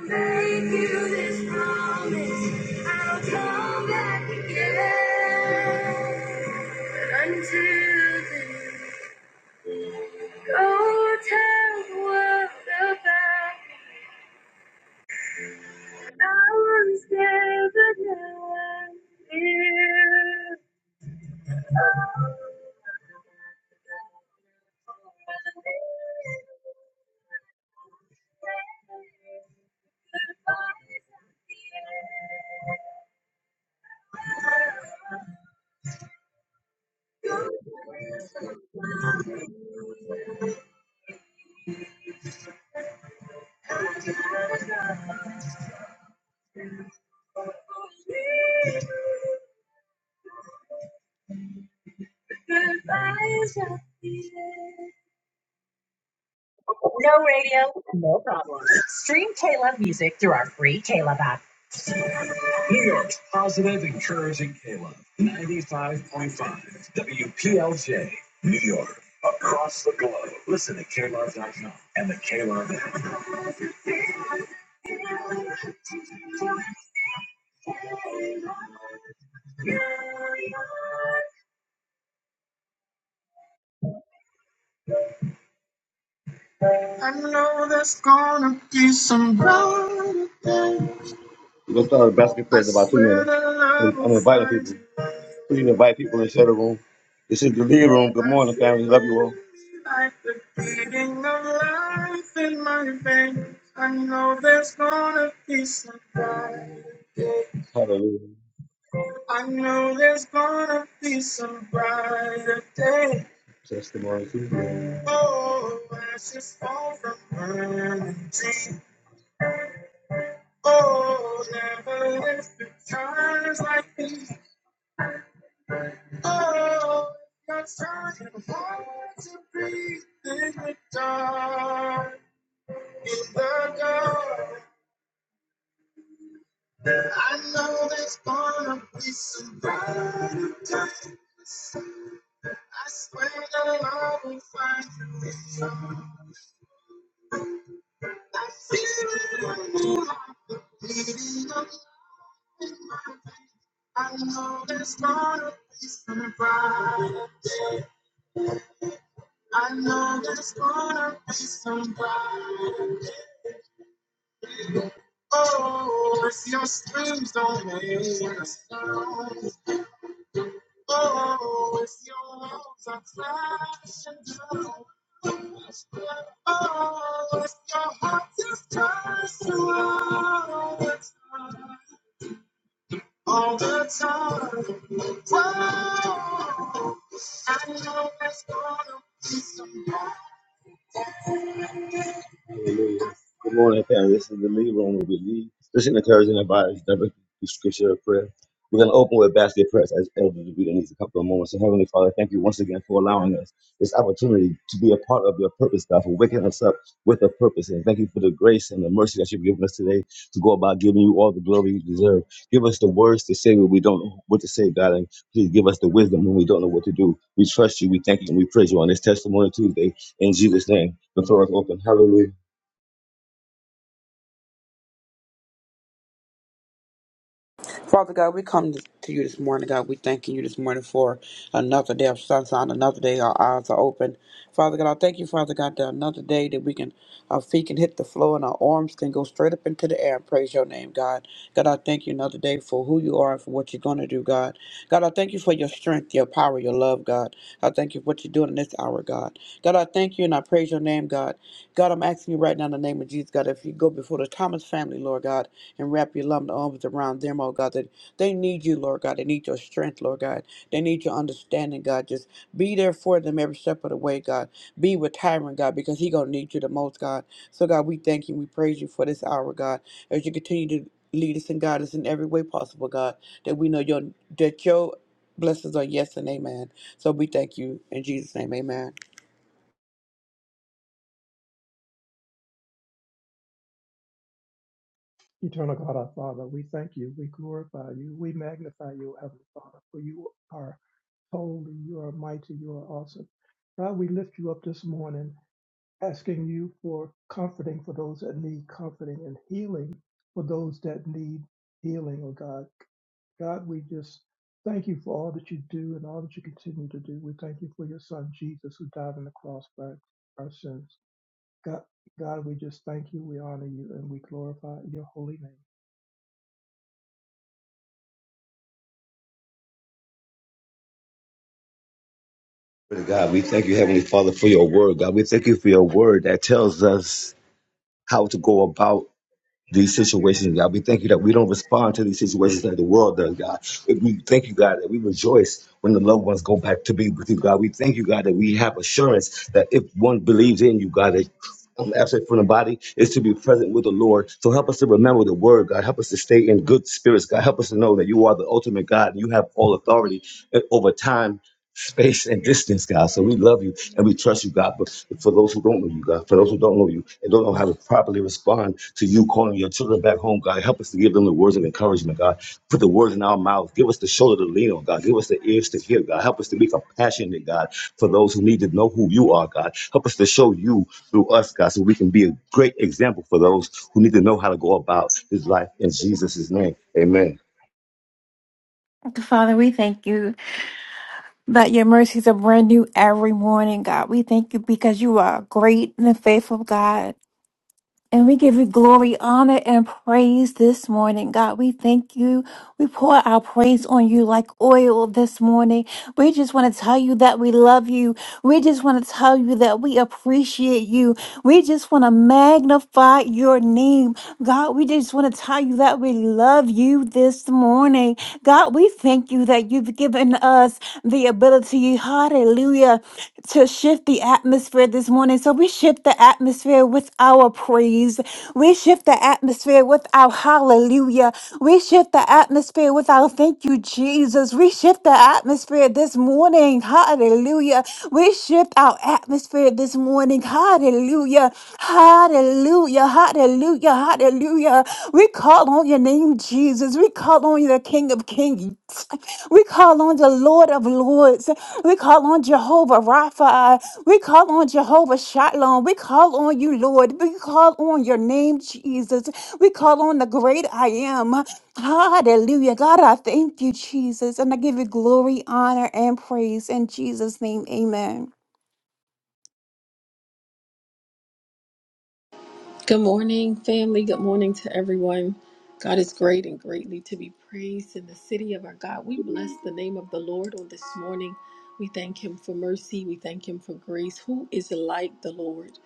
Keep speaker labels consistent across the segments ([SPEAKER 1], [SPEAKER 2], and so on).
[SPEAKER 1] Make you this promise, I'll come back again. Until then, go tell the world about I was there, but now I'm here. Oh, Goodbyes will be there. No radio, no problem. Stream Caleb music through our free Caleb app. New York's positive, encouraging Caleb. 95.5 WPLJ, New York. Across the globe. Listen to K Love dot com and the KLove app. I know there's gonna be some blood. We're gonna start a basket press in about two minutes. I'm I'm inviting people. Please invite people and share the room. This is the lead room. Good morning, family. Love you all. Like Hallelujah. I know there's gonna be some brighter day. Testimony to you. Oh, ashes Oh, like Oh, yes, I can want to breathe in the dark, in the dark. I know there's gonna be some brighter days. I swear that I will find you. in the- I feel it in me, heart, the beating of love in my veins. I know there's gonna be some brighter days. I know there's gonna be some brighter days. Oh, if your screams don't make a sound. Oh, if your walls are crashing down. Oh, if your heart just is cursed all the time. All the time. Whoa, I know there's gonna be some more. Hallelujah. Good morning, family. This is the lead room where we lead, especially encouraging our bodies, directly through scripture and prayer. We're going to open with a basket prayers as Elder Davida needs a couple of moments. So, Heavenly Father, thank you once again for allowing us this opportunity to be a part of your purpose, God, for waking us up with a purpose. And thank you for the grace and the mercy that you've given us today to go about giving you all the glory you deserve. Give us the words to say when we don't know what to say, God, and please give us the wisdom when we don't know what to do. We trust you, we thank you, and we praise you on this testimony Tuesday. In Jesus' name, the floor is open. Hallelujah.
[SPEAKER 2] Father God, we come to you this morning, God. We thanking you this morning for another day of sunshine, another day our eyes are open. Father God, I thank you, Father God, that another day that we can, our feet can hit the floor and our arms can go straight up into the air and praise your name, God. God, I thank you another day for who you are and for what you're going to do, God. God, I thank you for your strength, your power, your love, God. I thank you for what you're doing in this hour, God. God, I thank you and I praise your name, God. God, I'm asking you right now in the name of Jesus, God, if you go before the Thomas family, Lord God and wrap your loving arms around them, oh God. That they need you, Lord God. They need your strength, Lord God. They need your understanding, God. Just be there for them every step of the way, God. Be with Tyron, God, because he gonna need you the most, God. So God, we thank you, we praise you for this hour, God, as you continue to lead us and guide us in every way possible, God. That we know your that your blessings are yes and amen. So we thank you in Jesus' name, amen.
[SPEAKER 3] Eternal God, our Father, we thank you, we glorify you, we magnify you, Heavenly Father, for you are holy, you are mighty, you are awesome. God, we lift you up this morning, asking you for comforting for those that need comforting and healing for those that need healing, oh God. God, we just thank you for all that you do and all that you continue to do. We thank you for your son, Jesus, who died on the cross for our sins. God, God, we just thank you, we honor you, and we glorify your holy name.
[SPEAKER 1] Glory God, we thank you, Heavenly Father, for your word. God, we thank you for your word that tells us how to go about these situations, God. We thank you that we don't respond to these situations like the world does, God. We thank you, God, that we rejoice when the loved ones go back to be with you, God. We thank you, God, that we have assurance that if one believes in you, God, that I'm absent from the body is to be present with the Lord. So help us to remember the word, God. Help us to stay in good spirits, God. Help us to know that you are the ultimate God and you have all authority over time space and distance, God. So we love you and we trust you, God. But for those who don't know you, God, for those who don't know you and don't know how to properly respond to you calling your children back home, God, help us to give them the words of encouragement, God. Put the words in our mouth. Give us the shoulder to lean on, God. Give us the ears to hear, God. Help us to be compassionate, God, for those who need to know who you are, God. Help us to show you through us, God, so we can be a great example for those who need to know how to go about this life in Jesus' name. Amen.
[SPEAKER 4] Father, we thank you that your mercies are brand new every morning, God. We thank you because you are a great and a faithful, God. And we give you glory, honor, and praise this morning, God. We thank you. We pour our praise on you like oil this morning. We just want to tell you that we love you. We just want to tell you that we appreciate you. We just want to magnify your name. God, we just want to tell you that we love you this morning. God, we thank you that you've given us the ability, hallelujah, to shift the atmosphere this morning. So we shift the atmosphere with our praise. We shift the atmosphere atmosphere with our hallelujah. We shift the atmosphere with our thank you, Jesus. We shift the atmosphere this morning. Hallelujah. We shift our atmosphere this morning. Hallelujah. Hallelujah. Hallelujah. Hallelujah. We call on your name, Jesus. We call on you, the King of Kings. We call on the Lord of Lords. We call on Jehovah Rapha. We call on Jehovah Shalom. We call on you, Lord. We call on your name, Jesus. We call on the great I am. Hallelujah. God, I thank you, Jesus. And I give you glory, honor, and praise in Jesus' name. Amen.
[SPEAKER 5] Good morning, family. Good morning to everyone. God is great and greatly to be praised in the city of our God. We bless the name of the Lord on this morning. We thank him for mercy. We thank him for grace. Who is like the Lord?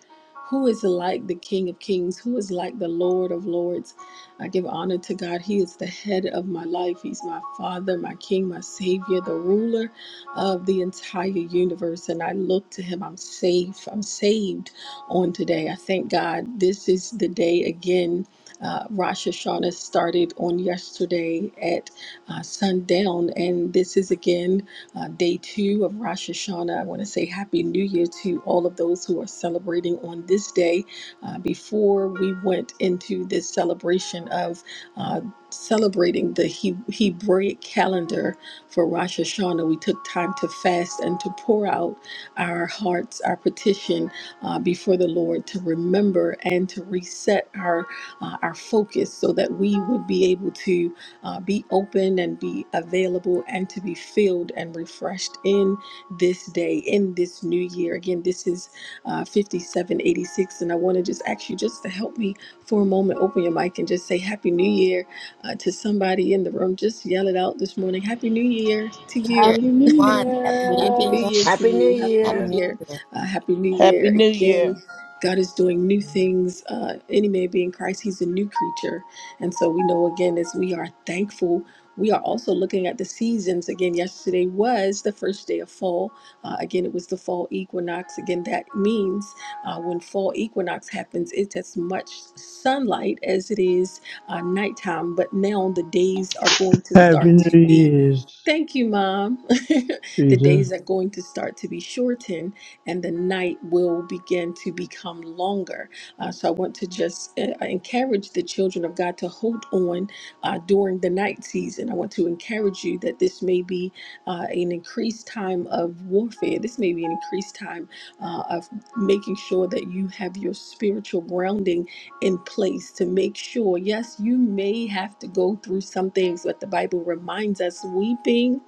[SPEAKER 5] Who is like the King of Kings? Who is like the Lord of Lords? I give honor to God. He is the head of my life. He's my Father, my King, my Savior, the ruler of the entire universe. And I look to him. I'm safe. I'm saved on today. I thank God this is the day again. Uh, Rosh Hashanah started on yesterday at uh, sundown, and this is again uh, day two of Rosh Hashanah. I want to say Happy New Year to all of those who are celebrating on this day. Uh, before we went into this celebration of uh, celebrating the he- Hebraic calendar for Rosh Hashanah, we took time to fast and to pour out our hearts, our petition uh, before the Lord to remember and to reset our uh, our focus so that we would be able to uh, be open and be available and to be filled and refreshed in this day in this new year. Again, this is uh, 5786, and I want to just ask you just to help me for a moment. Open your mic and just say Happy New Year uh, to somebody in the room. Just yell it out this morning. Happy New Year to
[SPEAKER 6] Year,
[SPEAKER 7] Happy
[SPEAKER 5] you.
[SPEAKER 7] New
[SPEAKER 6] everyone. Happy New
[SPEAKER 5] Happy New
[SPEAKER 7] Year!
[SPEAKER 6] Year.
[SPEAKER 5] Year to
[SPEAKER 8] Happy New
[SPEAKER 5] you. Happy
[SPEAKER 6] Happy
[SPEAKER 5] New
[SPEAKER 8] Year.
[SPEAKER 6] New
[SPEAKER 5] Year.
[SPEAKER 6] Year.
[SPEAKER 5] Uh, Happy New
[SPEAKER 9] Happy
[SPEAKER 5] Year
[SPEAKER 9] New
[SPEAKER 5] again.
[SPEAKER 9] Year.
[SPEAKER 5] God is doing new things. Uh, any man being Christ, he's a new creature. And so we know again, as we are thankful, we are also looking at the seasons. Again, yesterday was the first day of fall. Uh, again, it was the fall equinox. Again, that means uh, when fall equinox happens, it's as much sunlight as it is uh, nighttime. But now the days are going to
[SPEAKER 10] Happy
[SPEAKER 5] start
[SPEAKER 10] New
[SPEAKER 5] to be.
[SPEAKER 10] Year's,
[SPEAKER 5] Thank you, Mom. the
[SPEAKER 10] Peter.
[SPEAKER 5] days are going to start to be shortened and the night will begin to become longer. Uh, so I want to just uh, encourage the children of God to hold on uh, during the night season. I want to encourage you that this may be uh, an increased time of warfare. This may be an increased time uh, of making sure that you have your spiritual grounding in place to make sure, yes, you may have to go through some things, but the Bible reminds us weeping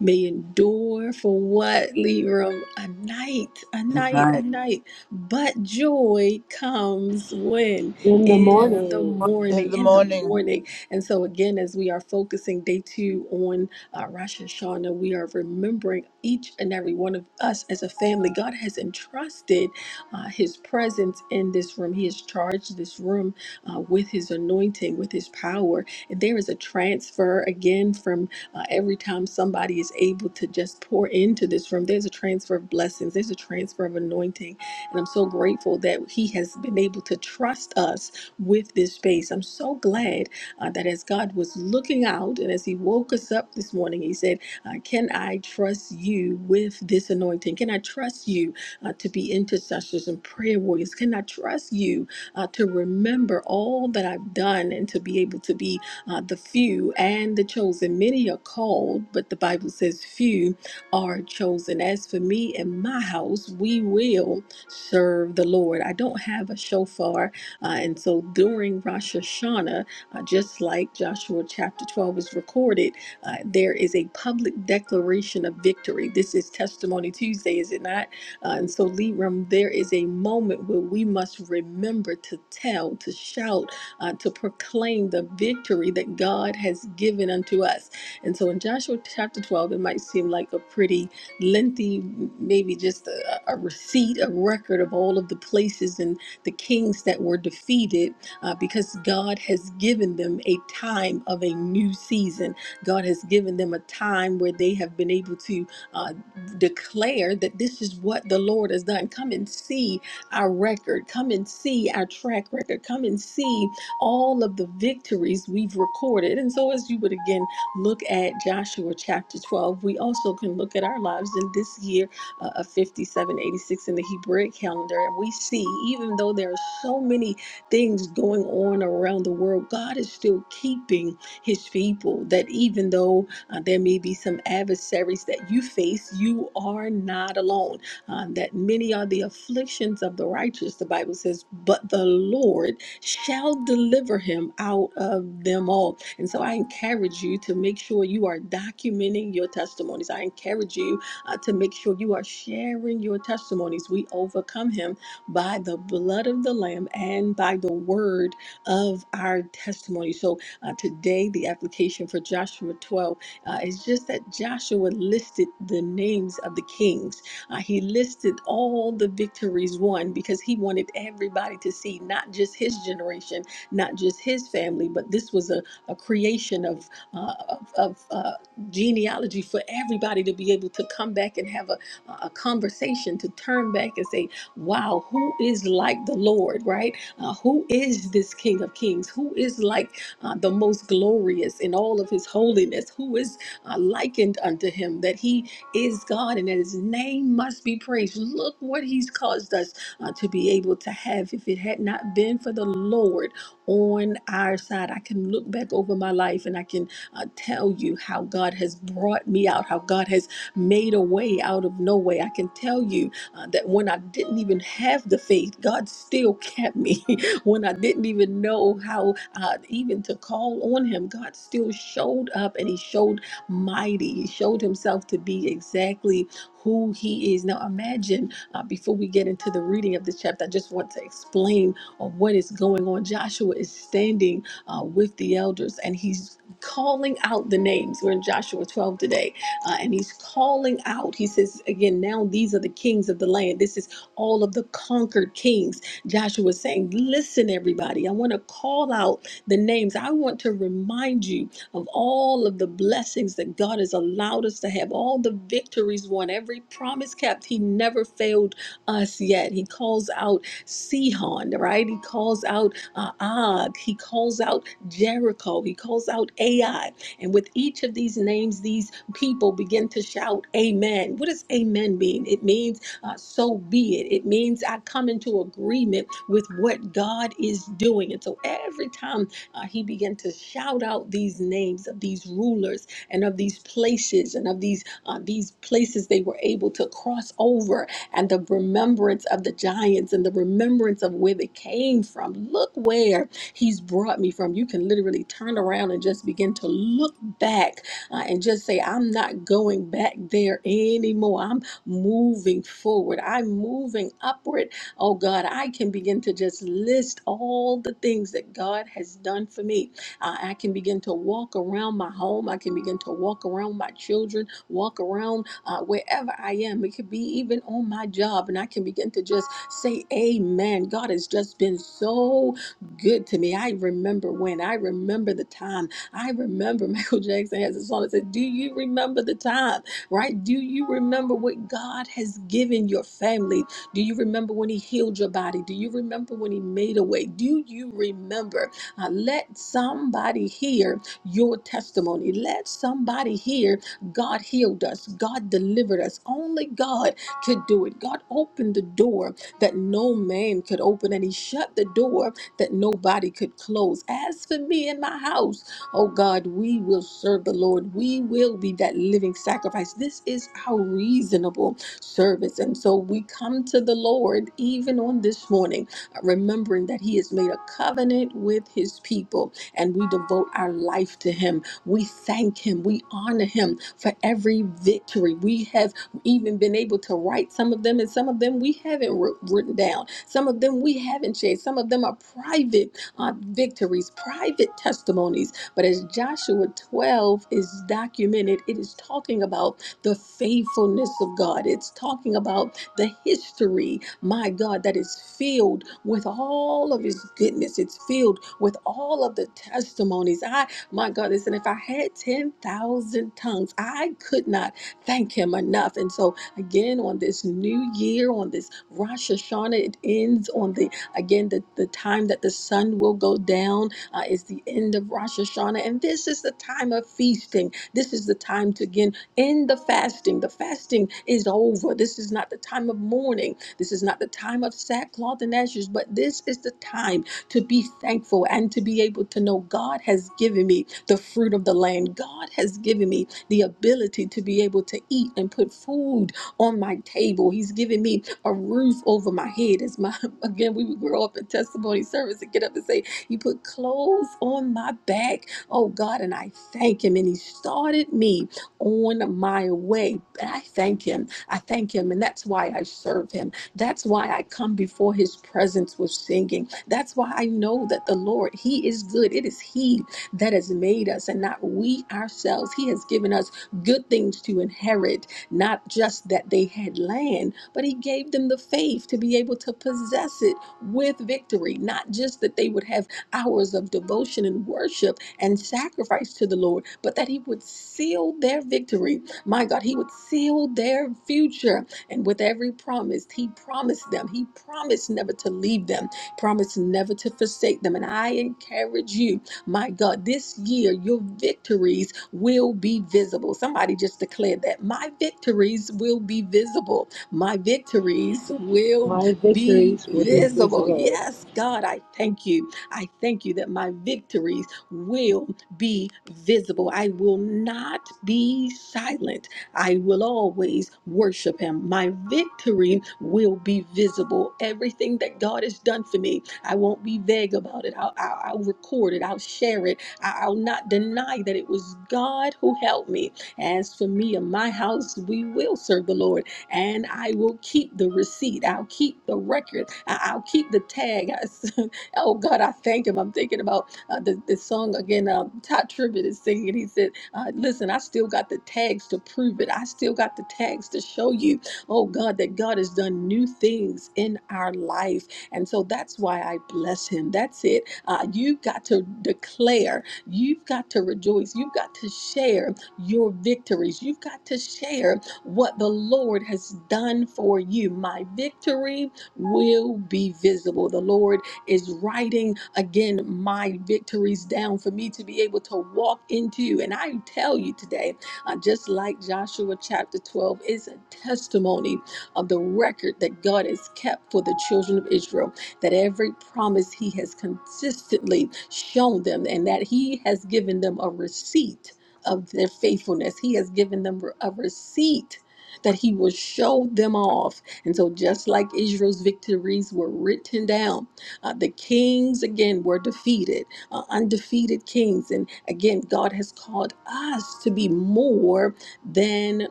[SPEAKER 5] may endure for what, Leroy? A night, a night,
[SPEAKER 2] All
[SPEAKER 5] a
[SPEAKER 2] Right.
[SPEAKER 5] night. But joy comes when?
[SPEAKER 7] In the
[SPEAKER 6] In
[SPEAKER 5] In
[SPEAKER 6] the
[SPEAKER 5] the
[SPEAKER 7] morning,
[SPEAKER 6] morning.
[SPEAKER 9] In
[SPEAKER 5] morning,
[SPEAKER 9] the
[SPEAKER 5] in the
[SPEAKER 9] morning,
[SPEAKER 5] morning. And so, again, as we are focusing day two on uh, Rosh Hashanah, we are remembering each and every one of us as a family. God has entrusted uh, His presence in this room, He has charged this room uh, with His anointing, with His power. And there is a transfer again from uh, every time somebody is able to just pour into this room, there's a transfer of blessings, there's a transfer of anointing. And I'm so grateful that He has been able to trust us with this space. I'm so glad uh, that as God was looking out and as He woke us up this morning, He said, uh, Can I trust you with this anointing? Can I trust you uh, to be intercessors and prayer warriors? Can I trust you uh, to remember all that I've done and to be able to be uh, the few and the chosen. Many are called, but the Bible says few are chosen. As for me and my house, we will serve the Lord. I don't have a shofar, uh, and so during Rosh Hashanah, uh, just like Joshua chapter 12 is recorded, uh, there is a public declaration of victory. This is Testimony Tuesday, is it not? Uh, and so, Libram, there is a moment where we must remember to tell, to shout, uh, to proclaim the victory that God has given unto us. And so in Joshua chapter 12, it might seem like a pretty lengthy, maybe just a, a receipt, a record of all of the places and the kings that were defeated uh, because God has given them a time of a new season. God has given them a time where they have been able to uh, declare that this is what the Lord has done. Come and see our record. Come and see our track record. Come and see all of the victories we've recorded. And so, as you would again look at Joshua chapter 12, we also can look at our lives in this year uh, of 5786 in the Hebraic calendar. And we see, even though there are so many things going on around the world, God is still keeping his people. That even though uh, there may be some adversaries that you face, you are not alone. Um, that many are the afflictions of the righteous, the Bible says, but the Lord shall deliver him out of them all. And so I encourage you to make sure you are documenting your testimonies. I encourage you uh, to make sure you are sharing your testimonies. We overcome him by the blood of the Lamb and by the word of our testimony. So uh, today, the application for Joshua 12 uh, is just that Joshua listed the names of the kings uh, he listed all the victories won because he wanted everybody to see not just his generation, not just his family, but this was a, a creation of, uh, of, of uh, genealogy for everybody to be able to come back and have a, a conversation, to turn back and say, wow, who is like the Lord, right? Uh, who is this King of Kings? Who is like uh, the most glorious in all of his holiness? Who is uh, likened unto him that he is God and that his name must be praised. Look what he's caused us uh, to be able to have. If it had not been for the Lord on our side, I can look back over my life and I can uh, tell you how God has brought me out, how God has made a way out of no way. I can tell you uh, that when I didn't even have the faith, God still kept me. when I didn't even know how uh, even to call on Him, God still showed up and He showed mighty. He showed himself to be exactly who he is. Now, imagine uh, before we get into the reading of this chapter, I just want to explain uh, what is going on. Joshua is standing uh, with the elders and he's calling out the names. We're in Joshua 12 today, uh, and he's calling out. He says, again, now these are the kings of the land. This is all of the conquered kings. Joshua is saying, listen, everybody, I want to call out the names. I want to remind you of all of the blessings that God has allowed us to have, all the victories won, every promise kept. He never failed us yet. He calls out Sihon, right? He calls out uh, Og. He calls out Jericho. He calls out Ai. And with each of these names, these people begin to shout, Amen. What does Amen mean? It means uh, so be it. It means I come into agreement with what God is doing. And so every time uh, he began to shout out these names of these rulers and of these places and of these uh, these places they were able to cross over and the remembrance of the giants and the remembrance of where they came from. Look where he's brought me from. You can literally turn around and just begin to look back uh, and just say, I'm not going back there anymore. I'm moving forward. I'm moving upward Oh God, I can begin to just list all the things that God has done for me. I I can begin to walk around my home. I can begin to walk around my children, walk around uh, wherever I am. It could be even on my job, and I can begin to just say, Amen. God has just been so good to me. I remember when, I remember the time. I remember Michael Jackson has a song that says, Do you remember the time? Right? Do you remember what God has given your family? Do you remember when He healed your body? Do you remember when He made a way? Do you remember? Uh, let somebody hear your testimony. Let somebody hear God healed us, God delivered us. Only God could do it. God opened the door that no man could open, and He shut the door that nobody could close. As for me and my house, oh God, we will serve the Lord. We will be that living sacrifice. This is how reasonable service. And so we come to the Lord even on this morning, uh, remembering that He has made a covenant with His people and we devote our life to Him. We thank Him. We honor Him for every victory. We have even been able to write some of them, and some of them we haven't wr- written down. Some of them we haven't shared. Some of them are private uh, victories, private testimonies. But as Joshua 12 is documented, it is talking about the faithfulness of God. It's talking about the history, my God, that is filled with all of His goodness. It's filled with all of the testimonies. I, my God, listen, if I had 10,000 tongues, I could not thank Him enough. And so, again, on this new year, on this Rosh Hashanah, it ends on the, again, the, the time that the sun will go down uh, is the end of Rosh Hashanah. And this is the time of feasting. This is the time to, again, in the fasting. The fasting is over. This is not the time of mourning. This is not the time of sackcloth and ashes, but this is the time to be thankful and to be able to know God has given me the fruit of the land. God has given me the ability to be able to eat and put food on my table. He's given me a roof over my head. As my again, we would grow up in testimony service and get up and say, You put clothes on my back. Oh God, and I thank him. And he started me on my way. But I thank Him. I thank Him. And that's why I serve Him. That's why I come before His presence with singing. That's why I know that the Lord, He is good. It is He that has made us and not we ourselves. He has given us good things to inherit, not just that they had land, but He gave them the faith to be able to possess it with victory, not just that they would have hours of devotion and worship and sacrifice to the Lord, but that He would seal their victory. My God, He would seal their future. And with every promise, He promised them, He promised never to leave them, promised never to forsake them. And I encourage you, my God, this year your victories will be visible. Somebody just declared that my victories will be visible. My victories will
[SPEAKER 7] my
[SPEAKER 5] be
[SPEAKER 7] victories will be
[SPEAKER 3] My
[SPEAKER 5] visible.
[SPEAKER 7] visible.
[SPEAKER 5] Yes, God, I thank you. I thank you that my victories will be visible. I will not be silent. I will always worship him. My victory will be visible. Everything that God has done for me, I won't be vague about it. I'll, I'll, I'll record it. I'll share it. I, I'll not deny that it was God who helped me. As for me and my house, we will serve the Lord and I will keep the receipt. I'll keep the record. I, I'll keep the tag. I s- oh God, I thank him. I'm thinking about uh, the, the song again, um, Todd Tribbett is singing. it. He said, uh, Listen, I still got the tags to prove it. I still got the tags to show you, oh God, that God has done new things in our life. And so that's why I bless him. That's it. Uh, you've got to declare, you've got to rejoice, you've got to share your victories, you've got to share what the Lord has done for you. My victory will be visible. The Lord is writing again my victories down for me to be able to walk into. And I tell you today, uh, just like Joshua chapter 12, is a testimony of the record that God has kept for the children of Israel, that every promise He has consistently shown them, and that He has given them a receipt of their faithfulness. He has given them a receipt. That he will show them off. And so, just like Israel's victories were written down, uh, the kings again were defeated, uh, undefeated kings. And again, God has called us to be more than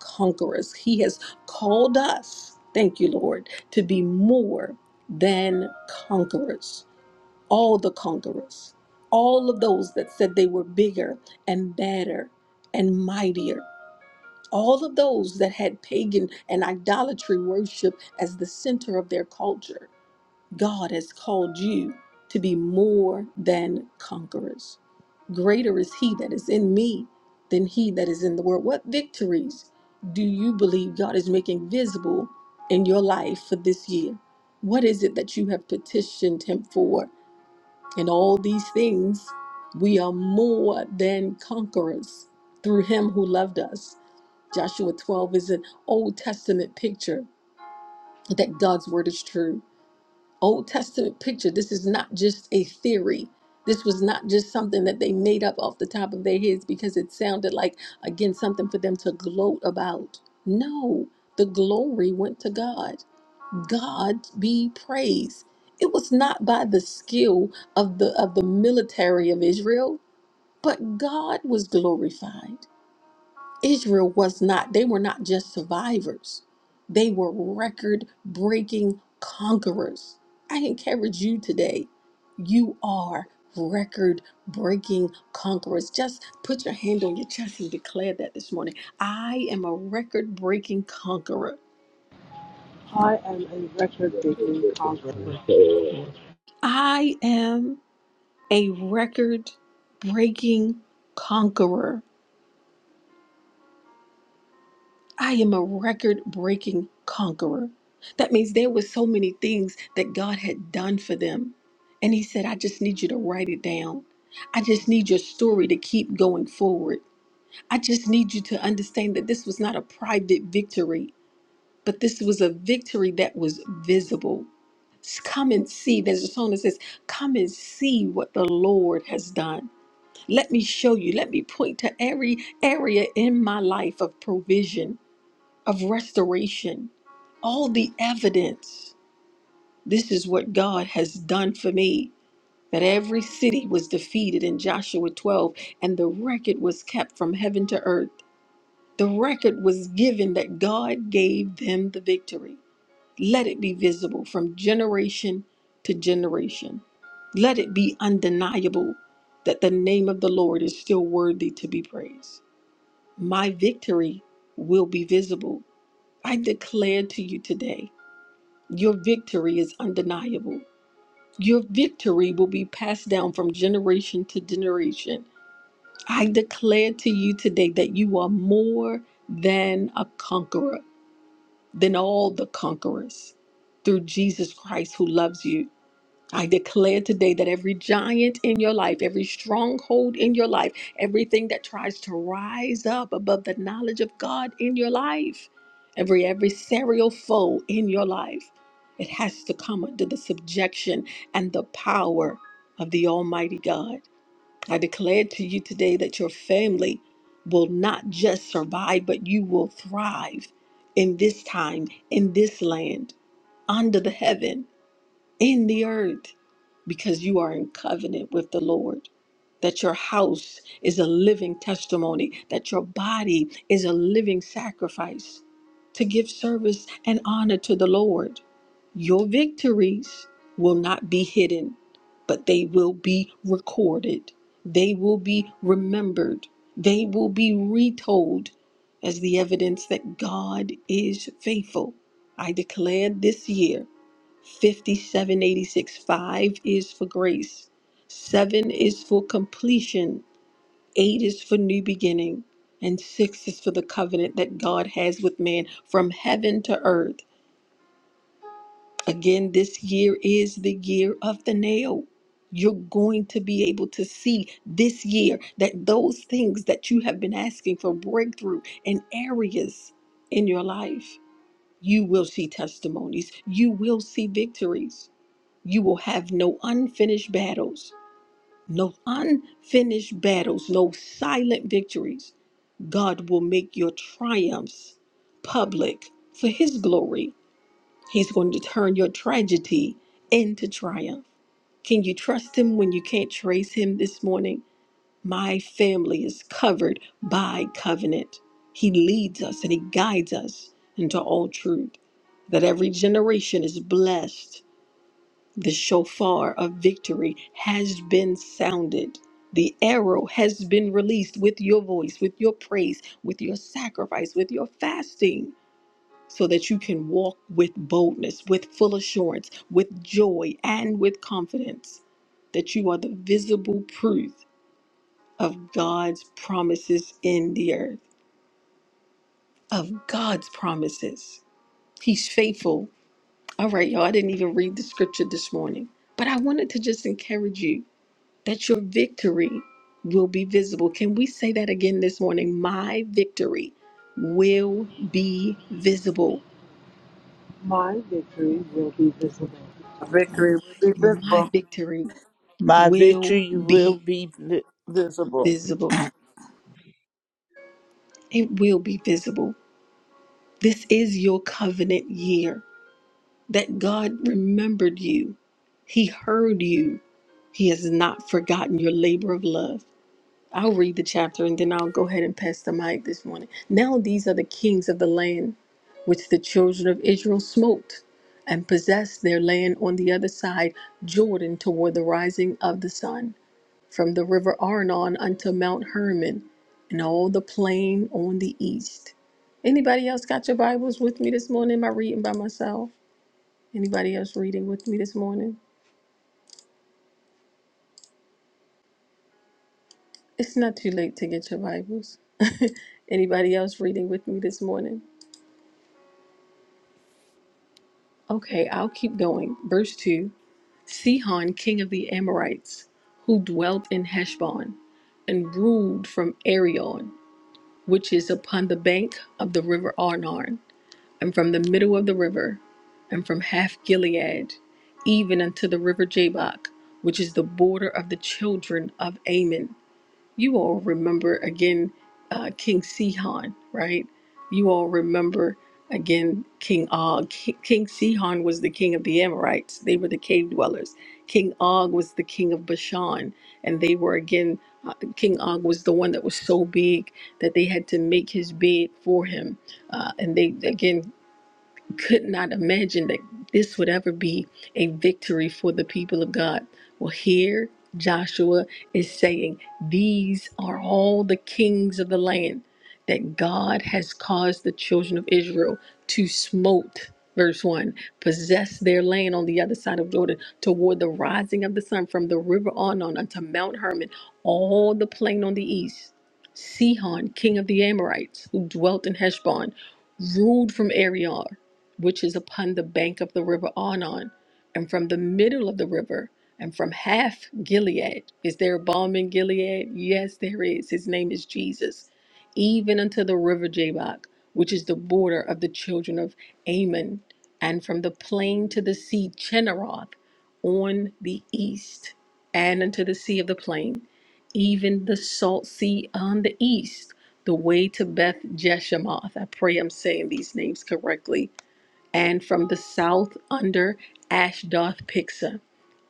[SPEAKER 5] conquerors. He has called us, thank you, Lord, to be more than conquerors. All the conquerors, all of those that said they were bigger and better and mightier. All of those that had pagan and idolatry worship as the center of their culture God has called you to be more than conquerors. Greater is He that is in me than He that is in the world. What victories do you believe God is making visible in your life for this year? What is it that you have petitioned Him for? In all these things, we are more than conquerors through Him who loved us. Joshua 12 is an Old Testament picture that God's word is true. Old Testament picture. This is not just a theory. This was not just something that they made up off the top of their heads because it sounded like, again, something for them to gloat about. No, the glory went to God. God be praised. It was not by the skill of the of the military of Israel, but God was glorified. Israel was not, they were not just survivors, they were record breaking conquerors. I encourage you today, you are record breaking conquerors. Just put your hand on your chest and declare that this morning. I am a record breaking conqueror.
[SPEAKER 7] I am a record breaking
[SPEAKER 3] red
[SPEAKER 7] conqueror.
[SPEAKER 3] brick for
[SPEAKER 5] I am a record breaking conqueror. I am a record breaking conqueror. That means there were so many things that God had done for them. And he said, I just need you to write it down. I just need your story to keep going forward. I just need you to understand that this was not a private victory, but this was a victory that was visible. Come and see. There's a song that says, Come and see what the Lord has done. Let me show you. Let me point to every area in my life of provision of restoration, all the evidence. This is what God has done for me. That every city was defeated in Joshua 12, and the record was kept from heaven to earth. The record was given that God gave them the victory. Let it be visible from generation to generation. Let it be undeniable that the name of the Lord is still worthy to be praised. My victory will be visible. I declare to you today Your victory is undeniable. Your victory will be passed down from generation to generation. I declare to you today that you are more than a conqueror, than all the conquerors through Jesus Christ who loves you. I declare today that every giant in your life, every stronghold in your life, everything that tries to rise up above the knowledge of God in your life, every adversarial foe in your life, it has to come under the subjection and the power of the Almighty God. I declare to you today that your family will not just survive, but you will thrive in this time, in this land, under the heaven in the earth because you are in covenant with the Lord. That your house is a living testimony, that your body is a living sacrifice to give service and honor to the Lord. Your victories will not be hidden, but they will be recorded. They will be remembered. They will be retold as the evidence that God is faithful. I declare this year 5786 5 is for grace, 7 is for completion, 8 is for new beginning, and 6 is for the covenant that God has with man from heaven to earth. Again, this year is the year of the nail. You're going to be able to see this year that those things that you have been asking for breakthrough in areas in your life, you will see testimonies, you will see victories. You will have no unfinished battles, no unfinished battles, no silent victories. God will make your triumphs public for His glory. He's going to turn your tragedy into triumph. Can you trust Him when you can't trace Him this morning? My family is covered by covenant. He leads us and He guides us into all truth, that every generation is blessed the shofar of victory has been sounded. The arrow has been released with your voice, with your praise, with your sacrifice, with your fasting, so that you can walk with boldness, with full assurance, with joy, and with confidence that you are the visible proof of God's promises in the earth, of God's promises. He's faithful. All right, y'all, I didn't even read the scripture this morning, but I wanted to just encourage you that your victory will be visible. Can we say that again this morning? My victory will be visible.
[SPEAKER 7] My
[SPEAKER 3] my
[SPEAKER 7] victory will
[SPEAKER 3] 50,
[SPEAKER 7] be visible.
[SPEAKER 2] Victory will be
[SPEAKER 5] My
[SPEAKER 2] visible.
[SPEAKER 5] victory
[SPEAKER 9] my
[SPEAKER 5] will
[SPEAKER 9] victory will
[SPEAKER 5] be
[SPEAKER 9] be vi- visible.
[SPEAKER 5] visible. It will be visible. This is your covenant year that God remembered you, He heard you, He has not forgotten your labor of love. I'll read the chapter and then I'll go ahead and pass the mic this morning. Now these are the kings of the land which the children of Israel smote and possessed their land on the other side Jordan toward the rising of the sun from the river Arnon unto Mount Hermon and all the plain on the east. Anybody else got your Bibles with me this morning? Am I reading by myself? Anybody else reading with me this morning? It's not too late to get your Bibles. Anybody else reading with me this morning? Okay, I'll keep going. Verse 2 Sihon, king of the Amorites, who dwelt in Heshbon and ruled from Arion, which is upon the bank of the river Arnon, and from the middle of the river, and from half Gilead, even unto the river Jabbok, which is the border of the children of Ammon you all remember again uh, King Sihon, right? You all remember again King Og. Ki- King Sihon was the king of the Amorites, they were the cave dwellers. King Og was the king of Bashan, and they were again, uh, King Og was the one that was so big that they had to make his bed for him. Uh, and they, again, could not imagine that this would ever be a victory for the people of God. Well, here Joshua is saying, These are all the kings of the land that God has caused the children of Israel to smote. Verse 1 possess their land on the other side of Jordan toward the rising of the sun from the river Arnon unto Mount Hermon, all the plain on the east. Sihon, king of the Amorites, who dwelt in Heshbon, ruled from Ariar which is upon the bank of the river Arnon, and from the middle of the river, and from half Gilead. Is there a balm in Gilead? Yes, there is. His name is Jesus. Even unto the river Jabbok, which is the border of the children of Ammon, and from the plain to the sea Chinneroth, on the east, and unto the sea of the plain, even the salt sea on the east, the way to Beth Jeshimoth. I pray I'm saying these names correctly and from the south under Ashdoth Pixa,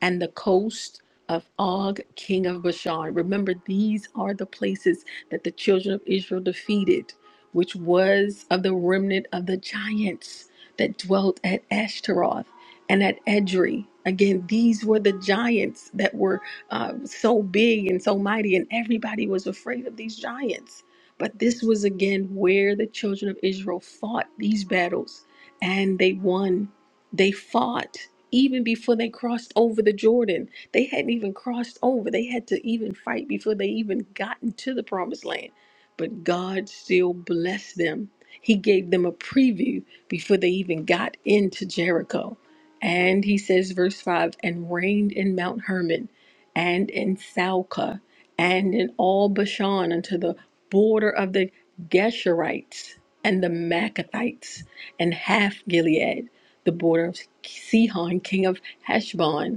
[SPEAKER 5] and the coast of Og, king of Bashan. Remember, these are the places that the children of Israel defeated, which was of the remnant of the giants that dwelt at Ashtaroth and at Edrei. Again, these were the giants that were uh, so big and so mighty, and everybody was afraid of these giants. But this was again where the children of Israel fought these battles and they won. They fought even before they crossed over the Jordan. They hadn't even crossed over. They had to even fight before they even got into the promised land. But God still blessed them. He gave them a preview before they even got into Jericho. And he says, verse 5 and reigned in Mount Hermon and in Salca and in all Bashan unto the border of the Geshurites and the Maccathites and half Gilead, the border of Sihon, king of Heshbon,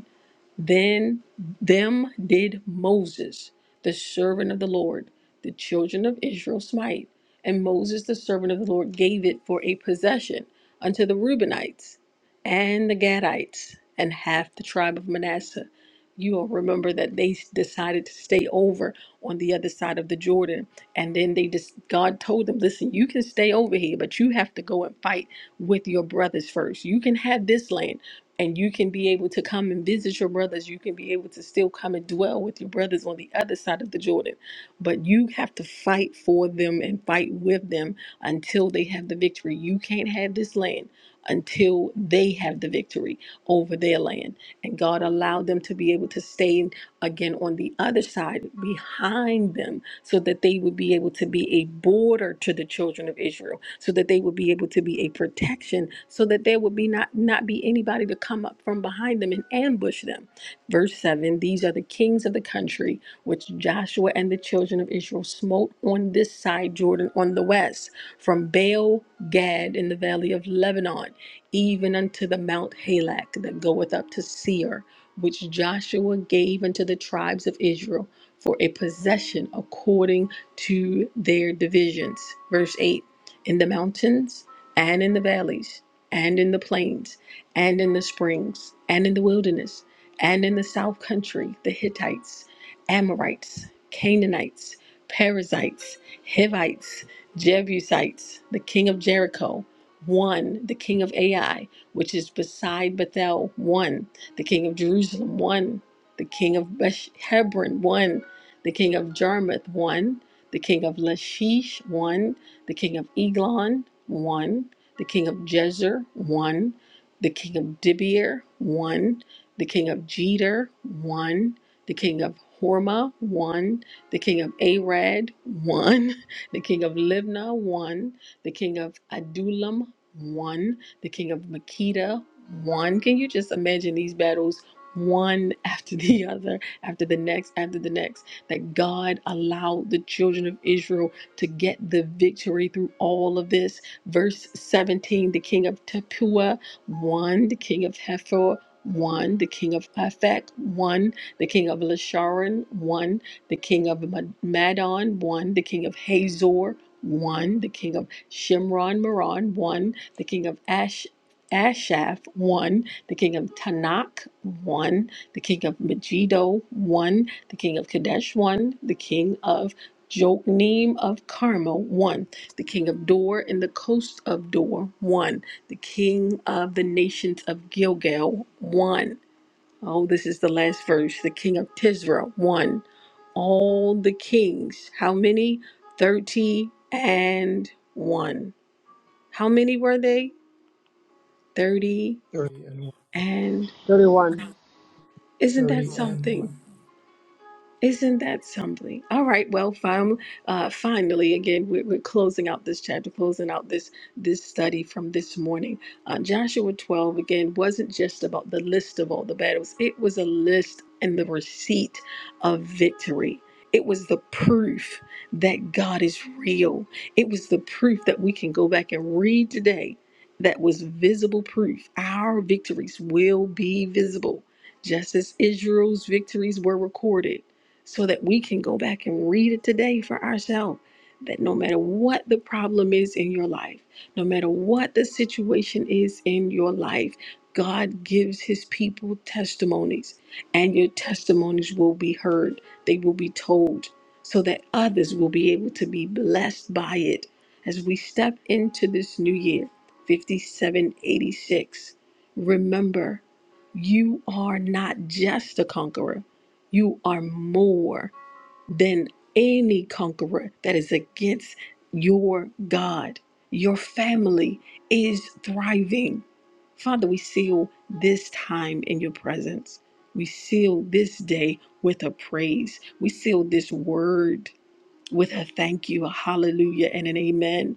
[SPEAKER 5] then them did Moses, the servant of the Lord, the children of Israel smite, and Moses, the servant of the Lord, gave it for a possession unto the Reubenites and the Gadites and half the tribe of Manasseh. You all remember that they s- decided to stay over on the other side of the Jordan, and then they just God told them, "Listen, you can stay over here, but you have to go and fight with your brothers first. You can have this land." and you can be able to come and visit your brothers. You can be able to still come and dwell with your brothers on the other side of the Jordan. But you have to fight for them and fight with them until they have the victory. You can't have this land until they have the victory over their land. And God allowed them to be able to stay again on the other side behind them so that they would be able to be a border to the children of Israel, so that they would be able to be a protection, so that there would be not, not be anybody to come up from behind them and ambush them. Verse 7 These are the kings of the country which Joshua and the children of Israel smote on this side Jordan on the west, from Baal Gad in the valley of Lebanon, even unto the Mount Halak that goeth up to Seir, which Joshua gave unto the tribes of Israel for a possession according to their divisions. Verse 8 In the mountains and in the valleys, and in the plains, and in the springs, and in the wilderness, and in the south country, the Hittites, Amorites, Canaanites, Perizzites, Hivites, Jebusites, the king of Jericho, one, the king of Ai, which is beside Bethel, one, the king of Jerusalem, one, the king of Besh- Hebron, one, the king of Jarmuth won. The king of Lachish won. The king of Eglon won. The king of Jezer won. The king of Dibir won. The king of Jeter won. The king of Horma won. The king of Arad won. The king of Libnah won. The king of Adullam won. The king of Makeda won. Can you just imagine these battles one after the other, after the next, after the next? that God allowed the children of Israel to get the victory through all of this. Verse 17 the king of Tepuah won, the king of Hefer won, the king of Aphek won, the king of Lasharon won, the king of Ma- Madon won, the king of Hazor won, the king of Shimron Moron won, the king of Ash. Ashaph won, the king of Tanakh won, the king of Megiddo won, the king of Kadesh won. The king of Jokneam of Carmel won. The king of Dor and the coast of Dor won. The king of the nations of Gilgal won. Oh, this is the last verse. The king of Tisra won. All the kings, how many? 30 and 1. How many were they? 30
[SPEAKER 3] 30 and 1,
[SPEAKER 5] and
[SPEAKER 7] 31.
[SPEAKER 5] 1. Isn't that
[SPEAKER 3] 30 and
[SPEAKER 5] something?
[SPEAKER 3] 1.
[SPEAKER 5] Isn't that something? All right. Well, fam, uh, finally, again, we're, we're closing out this chapter, closing out this this study from this morning. Uh, Joshua 12 again wasn't just about the list of all the battles; it was a list and the receipt of victory. It was the proof that God is real. It was the proof that we can go back and read today. That was visible proof. Our victories will be visible, just as Israel's victories were recorded so that we can go back and read it today for ourselves. That no matter what the problem is in your life, no matter what the situation is in your life, God gives his people testimonies, and your testimonies will be heard. They will be told so that others will be able to be blessed by it. As we step into this new year, 5786, remember you are not just a conqueror you are more than any conqueror that is against your God. Your family is thriving. Father, we seal this time in your presence. We seal this day with a praise. We seal this word with a thank you, a hallelujah, and an amen.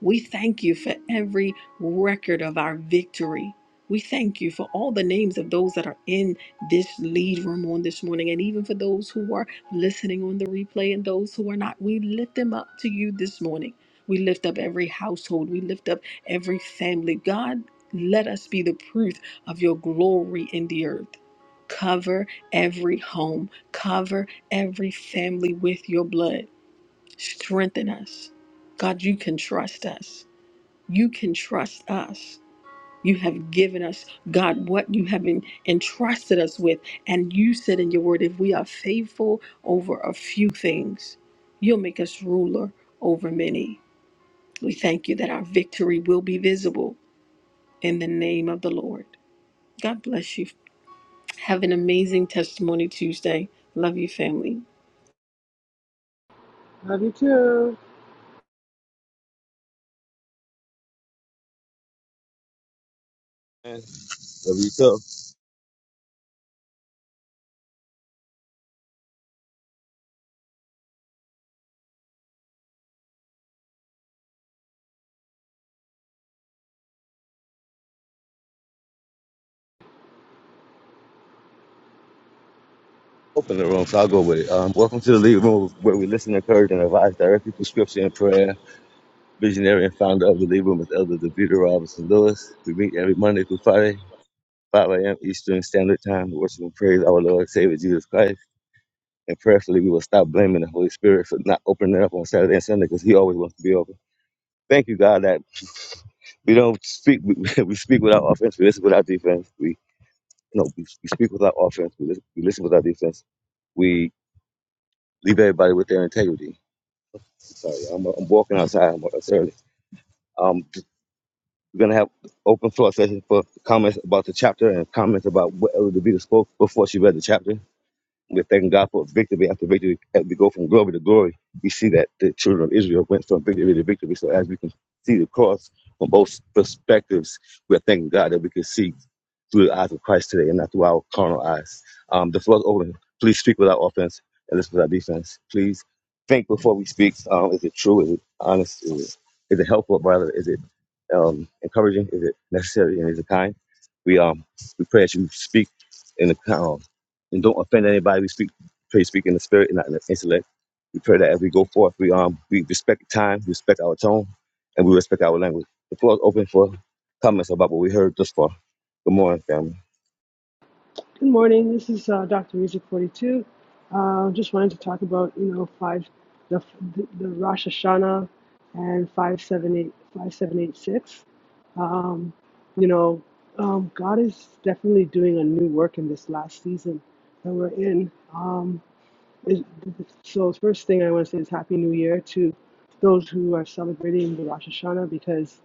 [SPEAKER 5] We thank you for every record of our victory. We thank you for all the names of those that are in this lead room on this morning, and even for those who are listening on the replay and those who are not. We lift them up to you this morning. We lift up every household, we lift up every family. God, let us be the proof of your glory in the earth. Cover every home, cover every family with your blood. Strengthen us. God, you can trust us. You can trust us. You have given us, God, what you have en- entrusted us with. And you said in your word, if we are faithful over a few things, you'll make us ruler over many. We thank you that our victory will be visible in the name of the Lord. God bless you. Have an amazing testimony Tuesday. Love you, family.
[SPEAKER 7] Love you too.
[SPEAKER 1] Amen. Love you too. open the room, so I'll go with it. Um, welcome to the Lead Room, where we listen, encourage, and advise directly through scripture and prayer. Visionary and founder of the Lead Room is Elder Davida Robinson Lewis. We meet every Monday through Friday, 5 a.m. Eastern Standard Time, to worship and praise our Lord and Savior Jesus Christ. And prayerfully, we will stop blaming the Holy Spirit for not opening up on Saturday and Sunday because He always wants to be open. Thank you, God, that we don't speak, we, we speak without offense, we listen without defense. We, no, we, we speak without offense, we listen, we listen without defense. We leave everybody with their integrity Sorry, I'm, I'm walking outside. I'm it's early. Um, we're gonna have open floor session for comments about the chapter and comments about what Elder DeVita spoke before she read the chapter. We're thanking God for victory after victory. As we go from glory to glory, we see that the children of Israel went from victory to victory. So as we can see the cross from both perspectives, we're thanking God that we can see through the eyes of Christ today and not through our carnal eyes. Um, the floor is open. Please speak with our offense and listen with our defense. Please think before we speak. Um, is it true? Is it honest? Is it, is it helpful, brother? Is it um, encouraging? Is it necessary? And is it kind? We um we pray that you speak in the um and don't offend anybody. We speak, pray, speak in the spirit and not in the intellect. We pray that as we go forth, we um we respect time, respect our tone, and we respect our language. The floor is open for comments about what we heard thus far. Good morning, family.
[SPEAKER 7] Good morning. This is uh, Dr. Music 42. Uh, just wanted to talk about you know five the the, Rosh Hashanah and five seven eight five seven eight six. Um, you know, um, God is definitely doing a new work in this last season that we're in. Um, it, so the first thing I want to say is Happy New Year to those who are celebrating the Rosh Hashanah because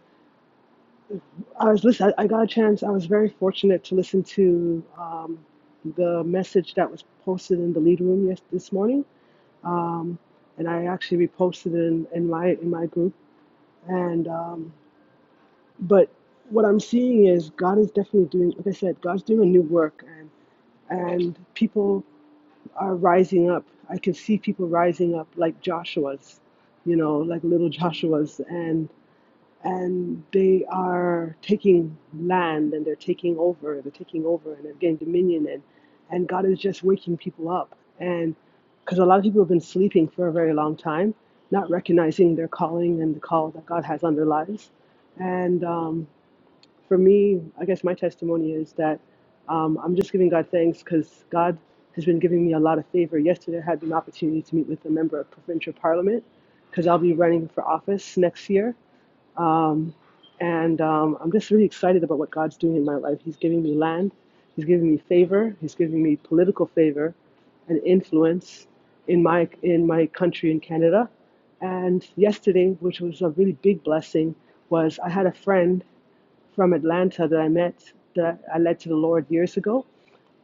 [SPEAKER 7] I was listen. I, got a chance. I was very fortunate to listen to um, the message that was posted in the lead room yes, this morning, um, and I actually reposted it in, in my in my group. And um, but what I'm seeing is God is definitely doing. Like I said, God's doing a new work, and and people are rising up. I can see people rising up like Joshua's, you know, like little Joshua's, and. and they are taking land and they're taking over, they're taking over and they're getting dominion and and God is just waking people up and because a lot of people have been sleeping for a very long time, not recognizing their calling and the call that God has on their lives. And um, for me, I guess my testimony is that um, I'm just giving God thanks because God has been giving me a lot of favor. Yesterday, I had an opportunity to meet with a member of provincial parliament because I'll be running for office next year um, and um, I'm just really excited about what God's doing in my life. He's giving me land, He's giving me favor, He's giving me political favor and influence in my in my country in Canada. And yesterday, which was a really big blessing, was I had a friend from Atlanta that I met that I led to the Lord years ago.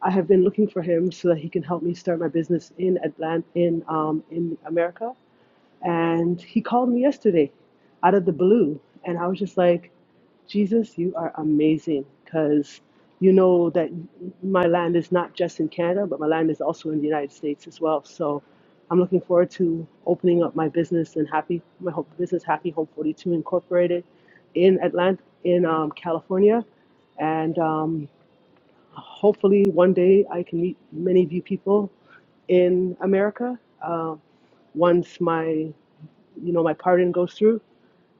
[SPEAKER 7] I have been looking for him so that he can help me start my business in Atlanta in um, in America and he called me yesterday out of the blue. And I was just like, Jesus, you are amazing because you know that my land is not just in Canada, but my land is also in the United States as well. So I'm looking forward to opening up my business and happy my ho- business Happy Home 42 Incorporated in Atlanta, in um, California, and um, hopefully one day I can meet many of you people in America. Uh, once my you know, my pardon goes through.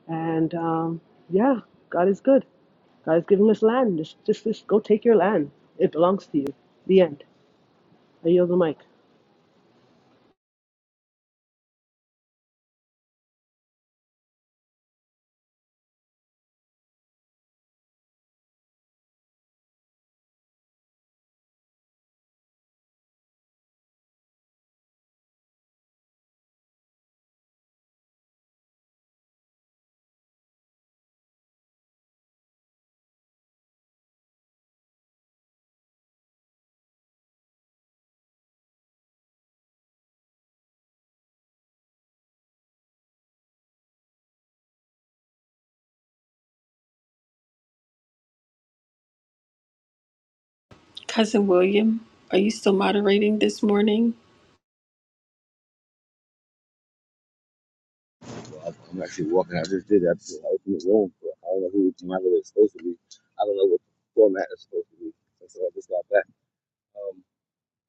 [SPEAKER 7] And um, yeah, God is good. God is giving us land. Just, just, just go take your land. It belongs to you. The end. I yield the mic.
[SPEAKER 5] Cousin William, are you still moderating this morning?
[SPEAKER 1] Well, I'm I'm actually walking. I just did. it. I just I opened the room, but I don't know who my moderator is supposed to be. I don't know what the format is supposed to be. And so I just got back. Um,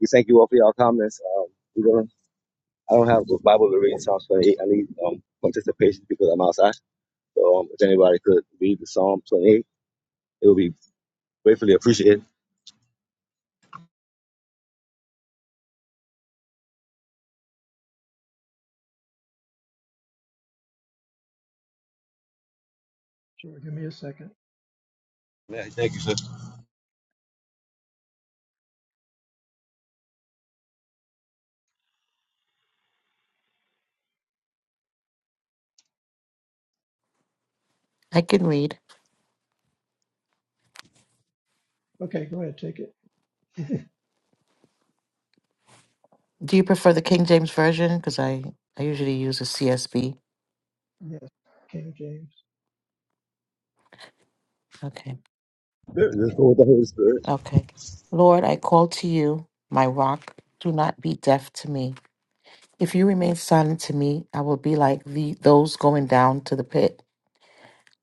[SPEAKER 1] we thank you all for your comments. Um, we're gonna. I don't have the Bible to read in Psalms 28. I need um participation because I'm outside. So um, if anybody could read the Psalm 28, it would be gratefully appreciated.
[SPEAKER 3] Sure, give me a second.
[SPEAKER 1] Yeah, thank you, sir.
[SPEAKER 11] I can read.
[SPEAKER 3] Okay, go ahead, take it.
[SPEAKER 11] Do you prefer the King James Version? Because I, I usually use a CSB.
[SPEAKER 3] Yes, King James.
[SPEAKER 11] Okay.
[SPEAKER 1] Let's go with the Holy Spirit.
[SPEAKER 11] Okay. Lord, I call to you, my rock. Do not be deaf to me. If you remain silent to me, I will be like the, those going down to the pit.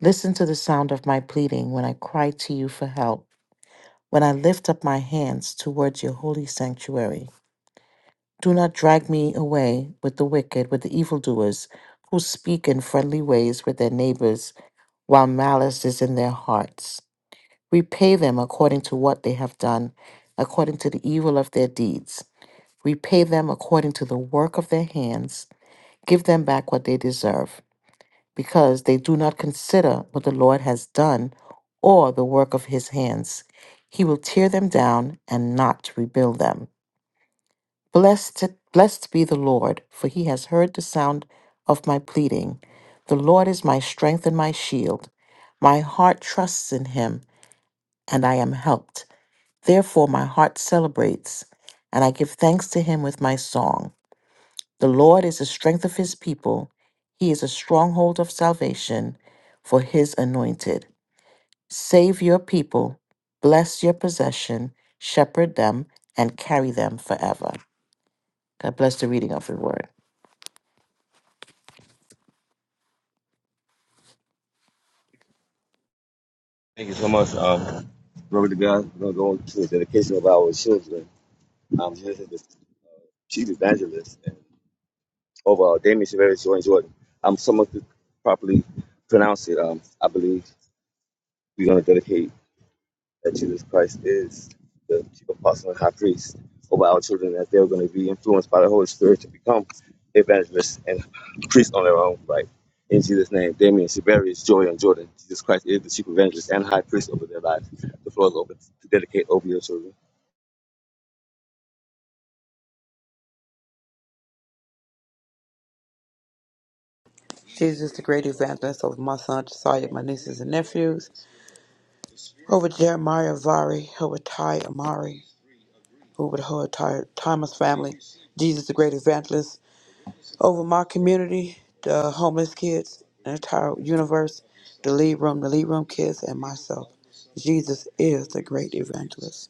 [SPEAKER 11] Listen to the sound of my pleading when I cry to you for help, when I lift up my hands towards your holy sanctuary. Do not drag me away with the wicked, with the evildoers, who speak in friendly ways with their neighbors while malice is in their hearts. Repay them according to what they have done, according to the evil of their deeds. Repay them according to the work of their hands. Give them back what they deserve, because they do not consider what the Lord has done or the work of his hands. He will tear them down and not rebuild them. Blessed, blessed be the Lord, for he has heard the sound of my pleading. The Lord is my strength and my shield. My heart trusts in him and I am helped. Therefore, my heart celebrates, and I give thanks to him with my song. The Lord is the strength of his people, he is a stronghold of salvation for his anointed. Save your people, bless your possession, shepherd them, and carry them forever. God bless the reading of the word.
[SPEAKER 1] Thank you so much. Um, glory to God. We're going to go into the dedication of our children. I'm here as the chief evangelist and overall Damien Severus Jordan Jordan. I'm somewhat to properly pronounce it. Um, I believe we're going to dedicate. that Jesus Christ is the chief apostle and high priest over our children, that they're going to be influenced by the Holy Spirit to become evangelists and priests on their own right. In Jesus' name, Damien, Siberius, Joy, and Jordan, Jesus Christ is the chief evangelist and high priest over their lives. The floor is open to dedicate over your children.
[SPEAKER 2] Jesus, the great evangelist of my son, Josiah, my nieces and nephews. Over Jeremiah Vari, Hoatai Amari, over the Hoatai Thomas family, Jesus the Great Evangelist, over my community, the homeless kids, the entire universe, the lead room, the lead room kids, and myself. Jesus is the Great Evangelist.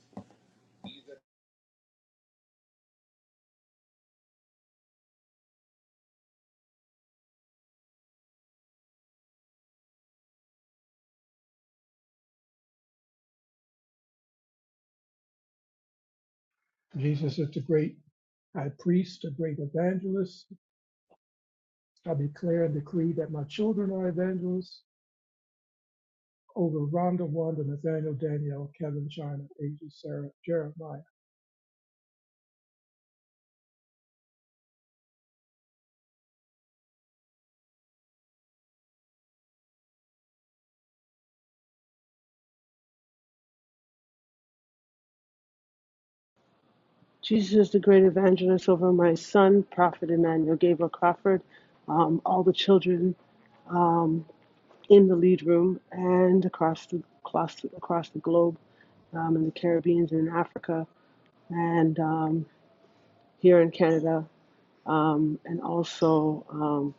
[SPEAKER 3] Jesus is the great high priest, a great evangelist. I declare and decree that my children are evangelists over Rhonda, Wanda, Nathaniel, Danielle, Kevin, China, Asia, Sarah, Jeremiah.
[SPEAKER 7] Jesus is the great evangelist over my son, Prophet Emmanuel Gabriel Crawford, um, all the children in the lead room and across the across, across the globe, um, in the Caribbean and in Africa, and um, here in Canada, um, and also um,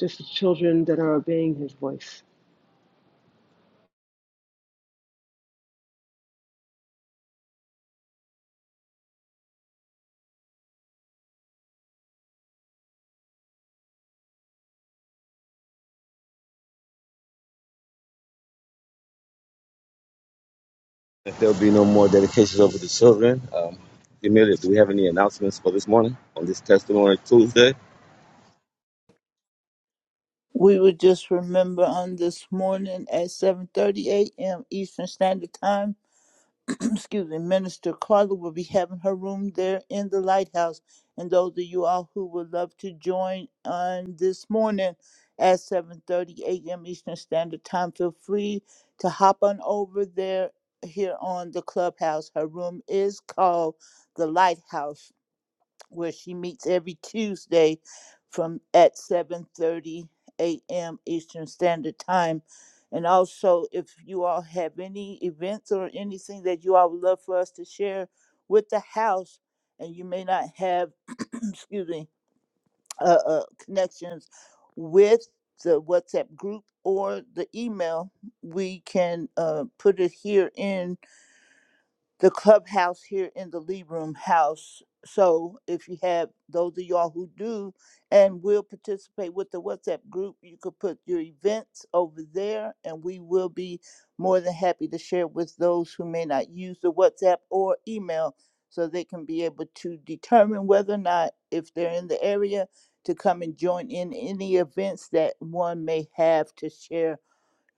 [SPEAKER 7] just the children that are obeying His voice.
[SPEAKER 1] If there'll be no more dedications over the children, um, Amelia, do we have any announcements for this morning on this Testimony Tuesday?
[SPEAKER 9] We will just remember on this morning at 7:30 a.m. Eastern Standard Time. excuse me, Minister Carla will be having her room there in the lighthouse. And those of you all who would love to join on this morning at 7:30 a.m. Eastern Standard Time, feel free to hop on over there here on the clubhouse. Her room is called the lighthouse where she meets every Tuesday from at 7:30 a.m. Eastern Standard Time. And also, if you all have any events or anything that you all would love for us to share with the house, and you may not have, excuse me, uh, uh, connections with the WhatsApp group or the email, we can uh, put it here in the clubhouse here in the Lee Room house. So if you have those of y'all who do and will participate with the WhatsApp group, you could put your events over there and we will be more than happy to share with those who may not use the WhatsApp or email so they can be able to determine whether or not if they're in the area to come and join in any events that one may have to share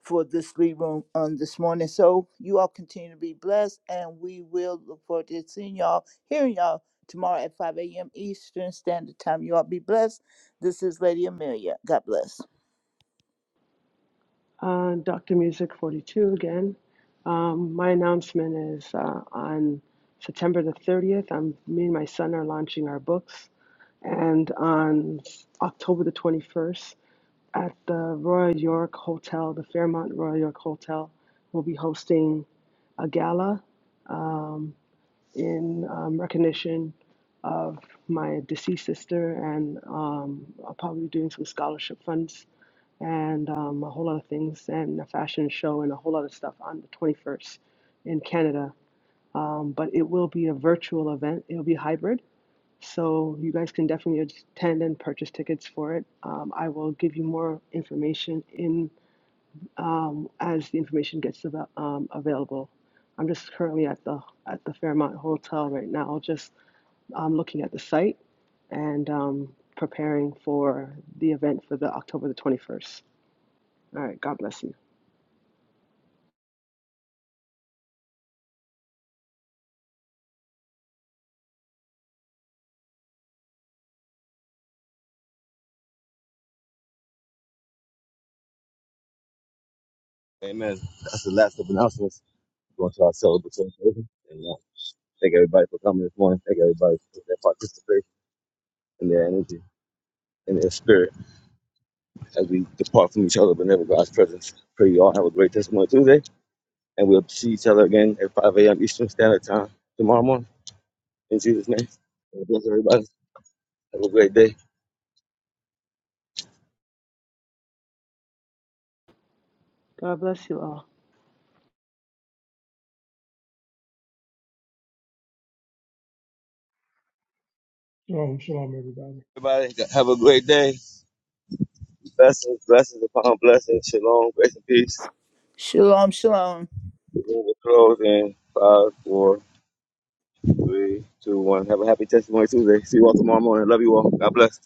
[SPEAKER 9] for this lead room on this morning. So you all continue to be blessed, and we will look forward to seeing y'all, hearing y'all tomorrow at 5 a.m. Eastern Standard Time. You all be blessed. This is Lady Amelia. God bless.
[SPEAKER 7] Uh, Dr. Music 42 again. Um, my announcement is uh, on September the 30th, I'm, me and my son are launching our books. And on October the 21st, at the Royal York Hotel, the Fairmont Royal York Hotel, we'll be hosting a gala in um, recognition of my deceased sister, and um, I'll probably be doing some scholarship funds and um, a whole lot of things, and a fashion show, and a whole lot of stuff on the 21st in Canada. Um, but it will be a virtual event, it'll be hybrid. So you guys can definitely attend and purchase tickets for it. Um, I will give you more information in um, as the information gets ava- um, available. I'm just currently at the at the Fairmont Hotel right now, just I'm looking at the site and um, preparing for the event for the October the 21st. All right. God bless you.
[SPEAKER 1] Amen. That's the last of announcements. going to our celebratory service. And uh, thank everybody for coming this morning. Thank everybody for their participation and their energy and their spirit as we depart from each other but never God's presence. Pray you all have a great testimony Tuesday. And we'll see each other again at 5 a.m. Eastern Standard Time tomorrow morning. In Jesus' name. God Bless everybody. Have a great day.
[SPEAKER 7] God bless you all.
[SPEAKER 3] Shalom, shalom, everybody.
[SPEAKER 1] Everybody, have a great day. Blessings, blessings upon blessings. Shalom, grace and peace.
[SPEAKER 9] Shalom, shalom.
[SPEAKER 1] We're going to close in five, four, three, two, one. Have a happy testimony Tuesday. See you all tomorrow morning. Love you all. God bless.